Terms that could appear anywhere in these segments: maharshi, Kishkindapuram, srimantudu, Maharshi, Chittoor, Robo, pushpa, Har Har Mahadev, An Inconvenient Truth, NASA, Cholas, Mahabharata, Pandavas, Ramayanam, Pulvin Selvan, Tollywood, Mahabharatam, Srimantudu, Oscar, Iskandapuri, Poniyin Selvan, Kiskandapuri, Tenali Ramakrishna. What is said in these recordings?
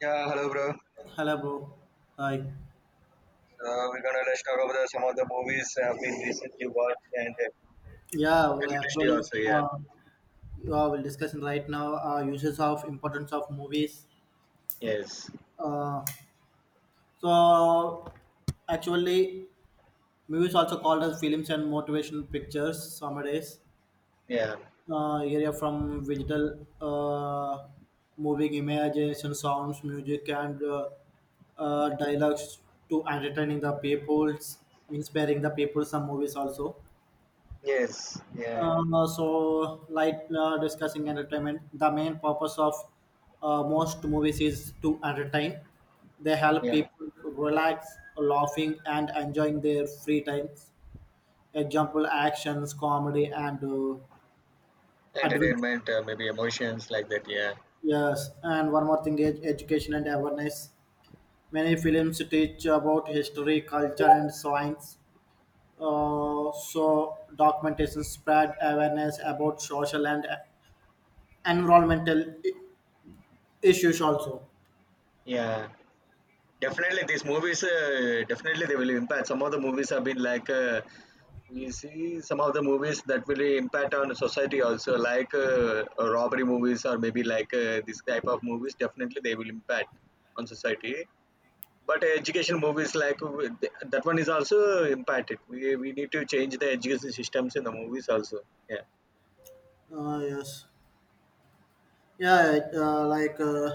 Yeah, hello, bro. Hello, bro. Hi. So we're gonna let's talk about some of the movies I've been recently watched and Yeah, we film industry actually, also. Yeah. uh, yeah, we're discussing right now uses of importance of movies. Yes. Uh, so, actually, movies also called as films and motivation pictures. Nowadays, Yeah. Area from digital moving imagination, sounds, music, and dialogues to entertaining the peoples, inspiring the people. Some movies also. Yes. Yeah. Discussing entertainment, the main purpose of most movies is to entertain. They help Yeah. people relax, laughing, and enjoying their free times. Example: actions, comedy, and adventure. Entertainment, maybe emotions like that. Yeah. Yes, and one more thing is education and awareness. Many films teach about history, culture, and science. Documentation spread awareness about social and environmental issues also. Yeah. Definitely, these movies. Definitely, they will impact. Some of the movies have been like. We see some of the movies that will impact on society also, like robbery movies or maybe like this type of movies. Definitely, they will impact on society, but education movies like that one is also impacted. We need to change the education systems in the movies also. Yeah. Yes. Yeah.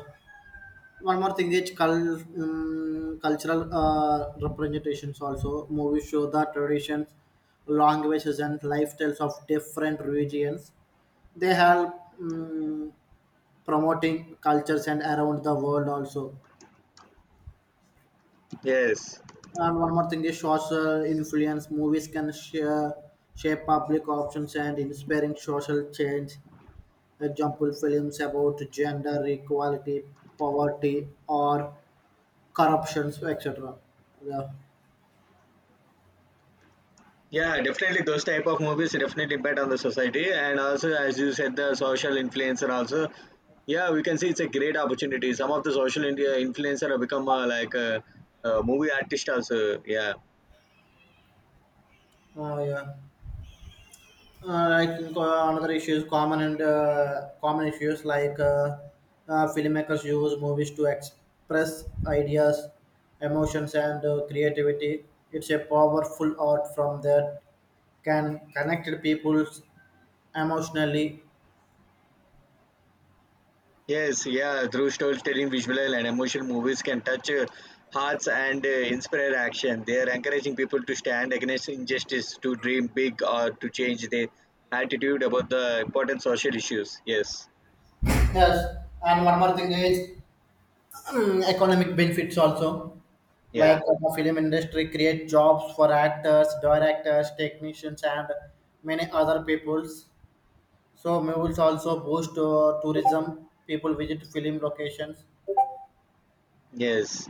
One more thing is cultural representations also. Movies show the traditions, languages, and lifestyles of different regions. They help promoting cultures and around the world also. Yes. And one more thing is social influence. Movies can share, shape public options and inspiring social change. Example films about gender equality, poverty, or corruption, etc. Yeah. Yeah, definitely those type of movies definitely impact on the society, and also as you said, the social influencer also. Yeah, we can see it's a great opportunity. Some of the social india influencer have become like a movie artist also. Yeah. Oh, yeah. I another issue is common and common issues like filmmakers use movies to express ideas, emotions, and creativity. It's a powerful art from that can connect people emotionally. Yes, yeah, through storytelling, visual and emotional movies can touch hearts and inspire action. They are encouraging people to stand against injustice, to dream big, or to change their attitude about the important social issues. Yes, Yes, and one more thing is economic benefits also, yeah, like the film industry create jobs for actors, directors, technicians, and many other peoples. So movies also boost tourism, people visit film locations. yes.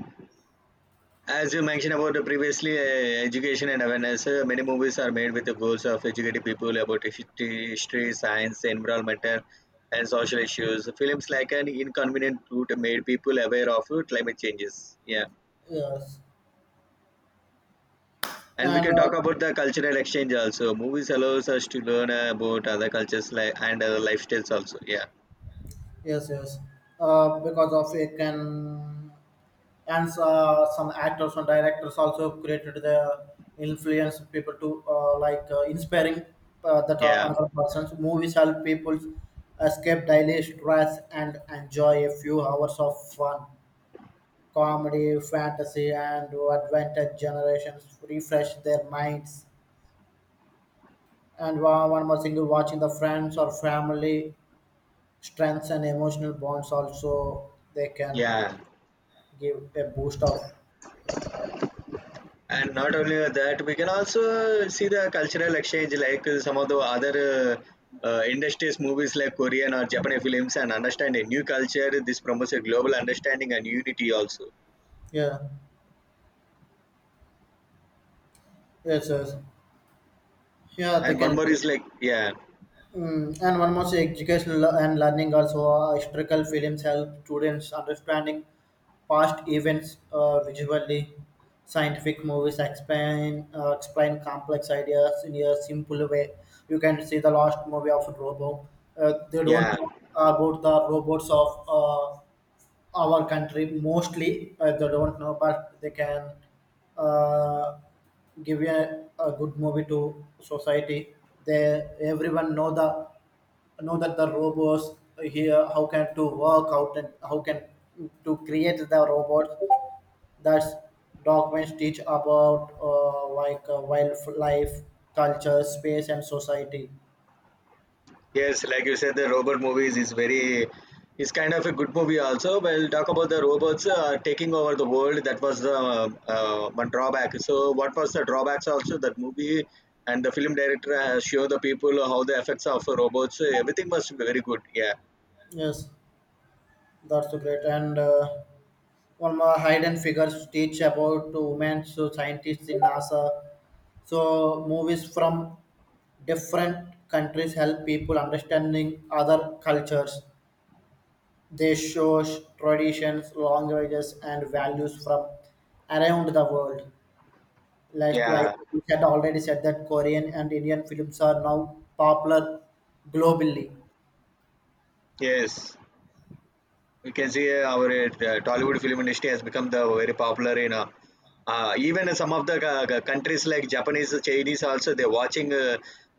As you mentioned about the previously, education and awareness, many movies are made with the goals of educating people about history, history science, environmental, and social issues. Films like An Inconvenient Truth made people aware of climate changes. Yeah, Yes. and we and can talk about the cultural exchange also. Movies allows us to learn about other cultures like and other lifestyles also. Yeah. yes yes because of it can, and some actors and directors also created the influence people to inspiring that are Yeah. another person's movies, help people escape daily stress and enjoy a few hours of fun, comedy, fantasy, and adventure generations refresh their minds. And one more single watching the friends or family strengths and emotional bonds also they can Yeah. give a boost of. And not only that, we can also see the cultural exchange, like some of the other industries movies like korean or japanese films, and understand a new culture. This promotes a global understanding and unity also. Yeah. Yes. Yeah, they And one can. more is like, yeah. Mm, and one more thing, educational and learning also. Historical films help students understanding past events visually. Scientific movies explain explain complex ideas in a simple way. You can see the last movie of Robo. They don't Yeah. know about the robots of our country mostly. They don't know, but they can uh, give a good movie to society. They everyone know the know that the robots here how can to work out and how can to create the robots. That's documents teach about wildlife, culture, space, and society. Yes, like you said, the robot movies is very, is kind of a good movie also. We'll talk about the robots taking over the world. That was the one drawback. So, what was the drawbacks also that movie and the film director has shown the people how the effects of robots. Everything was very good. Yeah, Yes, that's so great. And one more hide and figures teach about women, so scientists in NASA. So movies from different countries help people understanding other cultures. They show traditions, languages, and values from around the world. Like yeah, we had already said that Korean and Indian films are now popular globally. yes. You can see our Tollywood film industry has become the very popular in even in some of the countries like Japanese, Chinese also. They're watching uh,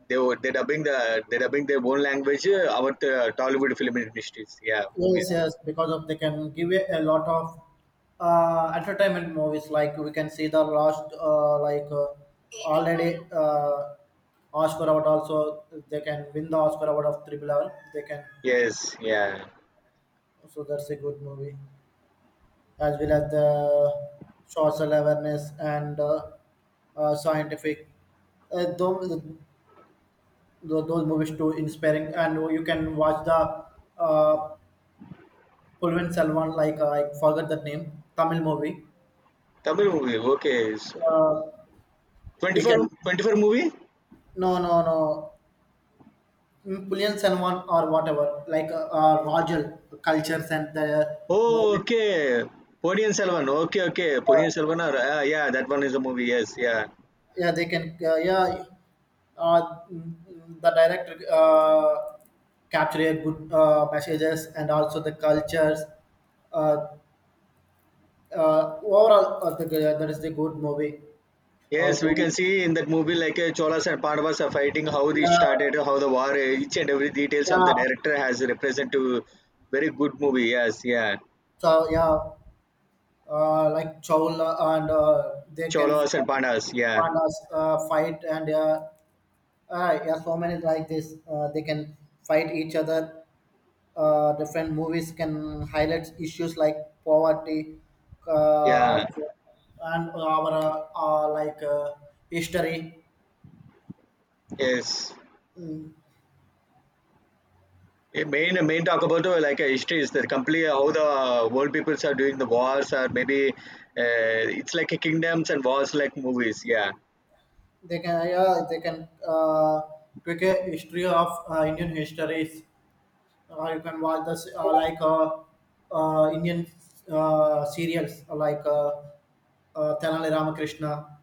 they were- they're dubbing the they're dubbing their own language, our Tollywood film industries, yeah, Yes, movies. yes, because of they can give you a lot of entertainment movies. Like we can see the last, like already Oscar award also they can win the Oscar award of Triple R. They can. Yes, yeah. So that's a good movie, as well as the social awareness and scientific. Uh, those, those movies too inspiring, and you can watch the uh, Pulvin Selvan, like I forgot the name, Tamil movie. Tamil movie, okay. So, Uh, you 24 can. 24 movie. No, no, no. Mm, Pulvin Selvan or whatever, like Rajal cultures and the Oh, movies. okay. Poniyin Selvan, okay, okay. Poniyin Yeah, Selvan, or, yeah, that one is a movie. Yes, yeah. yeah they can. Yeah, the director. Capture a good messages and also the cultures. Uh, overall, that is the good movie. How Yes, we to, can see in that movie, like Cholas and Pandavas are fighting, how they started, yeah, how the war, each and every details of the yeah, director has represent to. Very good movie. Yes, yeah, so yeah, like Chowl and they can Cholas and Pandavas. Yeah, find us, fight and yeah so many like this they can fight each other. Different movies can highlight issues like poverty. Uh, yeah, Also and our uh, uh, like uh, history. yes. Mm, A main talk about history is that completely how the world peoples are doing the wars, or maybe it's like a kingdoms and wars like movies. Yeah, they can, yeah, they can take a history of Indian histories. You can watch this Indian serials like Tenali Ramakrishna,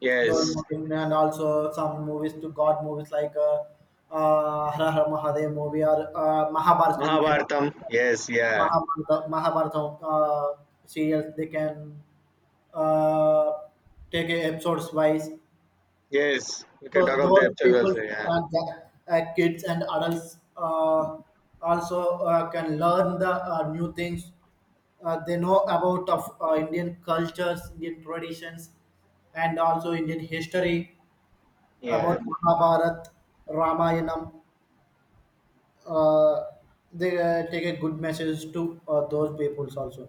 yes, those movies, and also some movies to God movies like Har Har Mahadev movie or Mahabharata. You can Mahabharatam. Yes, yeah, Mahabharata, Mahabharata uh, serials. They can uh, take a episodes wise. yes. We can So talk of the those episodes people also. Yeah, that kids and adults also can learn the new things. They know about of Indian cultures, Indian traditions, and also Indian history about yeah. Mahabharat, Ramayanam. Uh, they take a good message to those peoples also.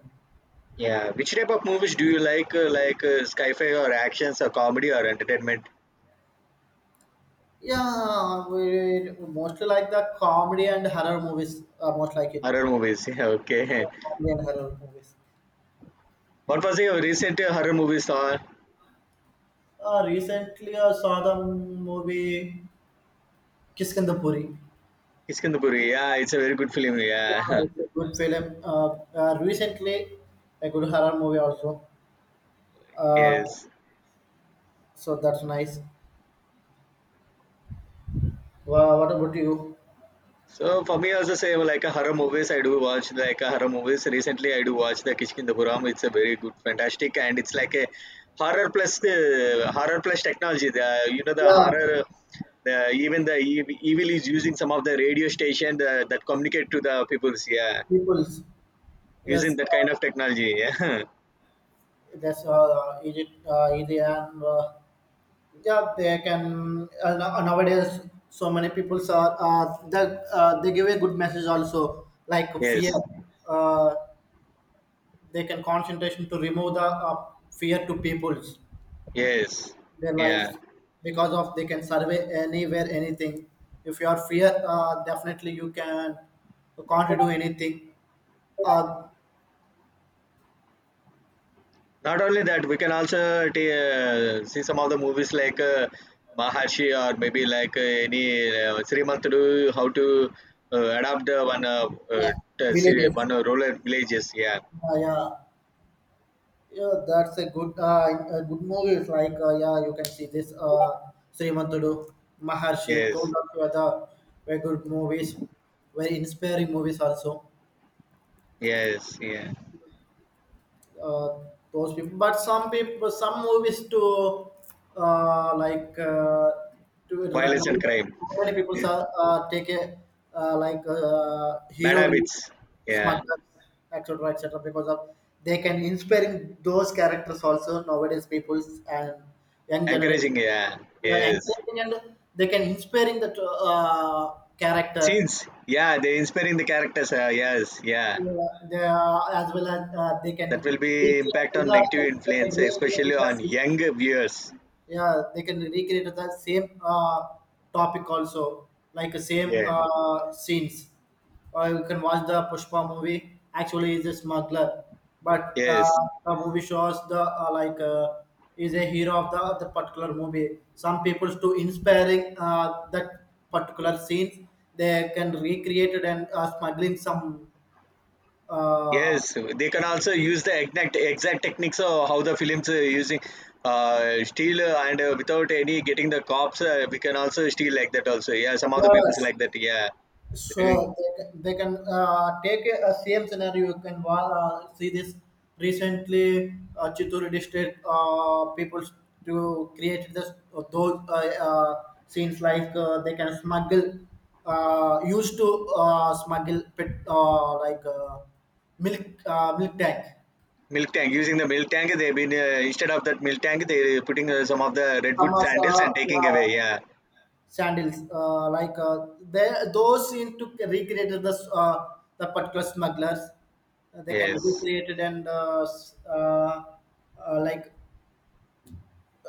Yeah, which type of movies do you like? Sci-fi or actions or comedy or entertainment? Yeah, we mostly like the comedy and horror movies. Most like it. Horror movies. Yeah, okay. Yeah, comedy and horror movies. What was your recent horror movie saw? Recently, I saw the movie Kiskandapuri. Iskandapuri. Yeah, it's a very good film. Yeah, Yeah. it's a good film. Recently, a good horror movie also. Uh, Yes. so that's nice. What about you? So for me, also same like a horror movies, I do watch like a horror movies. Recently, I do watch the Kishkindapuram. It's a very good, fantastic, and it's like a horror plus technology. The you know the Yeah, horror, the even the evil is using some of the radio station that communicate to the peoples. Yeah, peoples. using Yes, that kind of technology. that's Egypt, easy, and yeah, they can. Nowadays, so many people are they give a good message also, like Yeah. fear. Yes. Uh, they can concentration to remove the fear to people's Yes. their Yeah. lives because of they can survey anywhere anything. If you are fear, definitely you can, you can't do anything. uh, Not only that, we can also see some of the movies like Maharshi, or maybe like any Srimantudu, how to adapt the one uh, uh, see Villages. one rural villages. Yeah, Yeah, yeah that's a good movie. It's like yeah you can see this Srimantudu, Maharshi, yes, those are the other very good movies, very inspiring movies also. yes, yeah. uh, those people. But some people, some movies to uh, like uh, to Violence and crime, now many people are take a bad hero will habits. Yeah, smugglers, etc, etc, because of they can inspiring those characters also, nowadays people's and young generation. encouraging. Yeah, Yeah, yes. encouraging and they can inspiring that character. Scenes. Yeah, they inspiring the characters. Yes, yeah. As well as they can That will be recreate impact on negative influence, especially the on same. younger viewers. Yeah, they can recreate the same topic also, like the same Yeah. Scenes. Or you can watch the Pushpa movie, actually is a smuggler, but Yes. The movie shows the is a hero of the particular movie. Some people to inspiring that particular scenes. They can recreate it and smuggling some uh, Yes, they can also use the exact techniques of how the films using steal and without any getting the cops. We can also steal like that also. Yeah, some of the people's Yes, like that. Yeah, they're doing sure. They can take a same scenario. You can see this recently. Chittoor district people to create this those scenes like they can smuggle, used to smuggle pet, milk, milk tank. milk tank, using the milk tank. They've been instead of that milk tank, they're putting some of the Some redwood of sandals and taking away. yeah. Yeah. Sandals, they those seem to recreate uh, the particular smugglers. They can Yes. recreate it and uh, like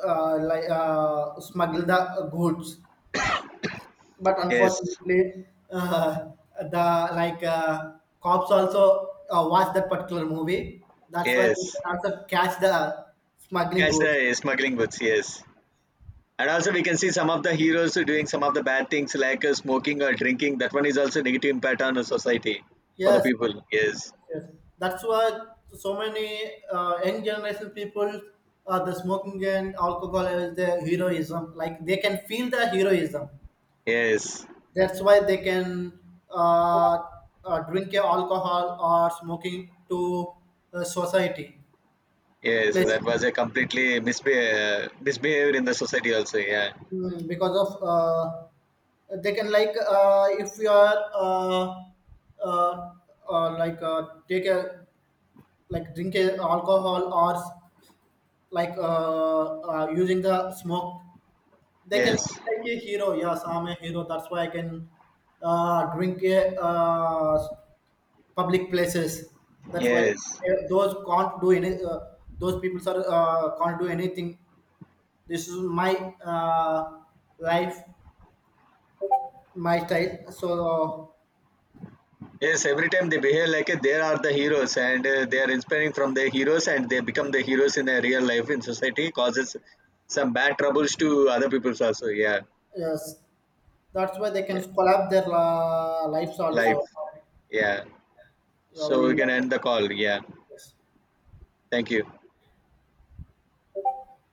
smuggle the goods, but Yes. unfortunately uh, the like cops also watch that particular movie. That's why they Yes. can also catch the smuggling Catch goods. the smuggling goods. Yes. And also, we can see some of the heroes doing some of the bad things like smoking or drinking. That one is also negative impact on the society for the Yes. people. Yes, Yes, that's why so many young generation people, the smoking and alcohol is the heroism. Like they can feel the heroism. yes, That's why they can uh, drink a alcohol or smoking to society yes. That places. was a completely misbehavior in the society also. Yeah. Mm, because of they can like if you are uh, take a like drink a alcohol or like using the smoke, they can Yes, feel like a hero. Yes, I'm a hero, that's why I can drink a public places. That's why yes, those can't do any those people are can't do anything. This is my uh, life, my style. Yes. Every time they behave like they are the heroes, and they are inspiring from their heroes and they become the heroes in their real life in society, causes some bad troubles to other peoples also. Yeah, yes, that's why they can yeah. collab their lives also. Life. Yeah. Yeah, So we we. can end the call. Yeah. Yes. Thank you.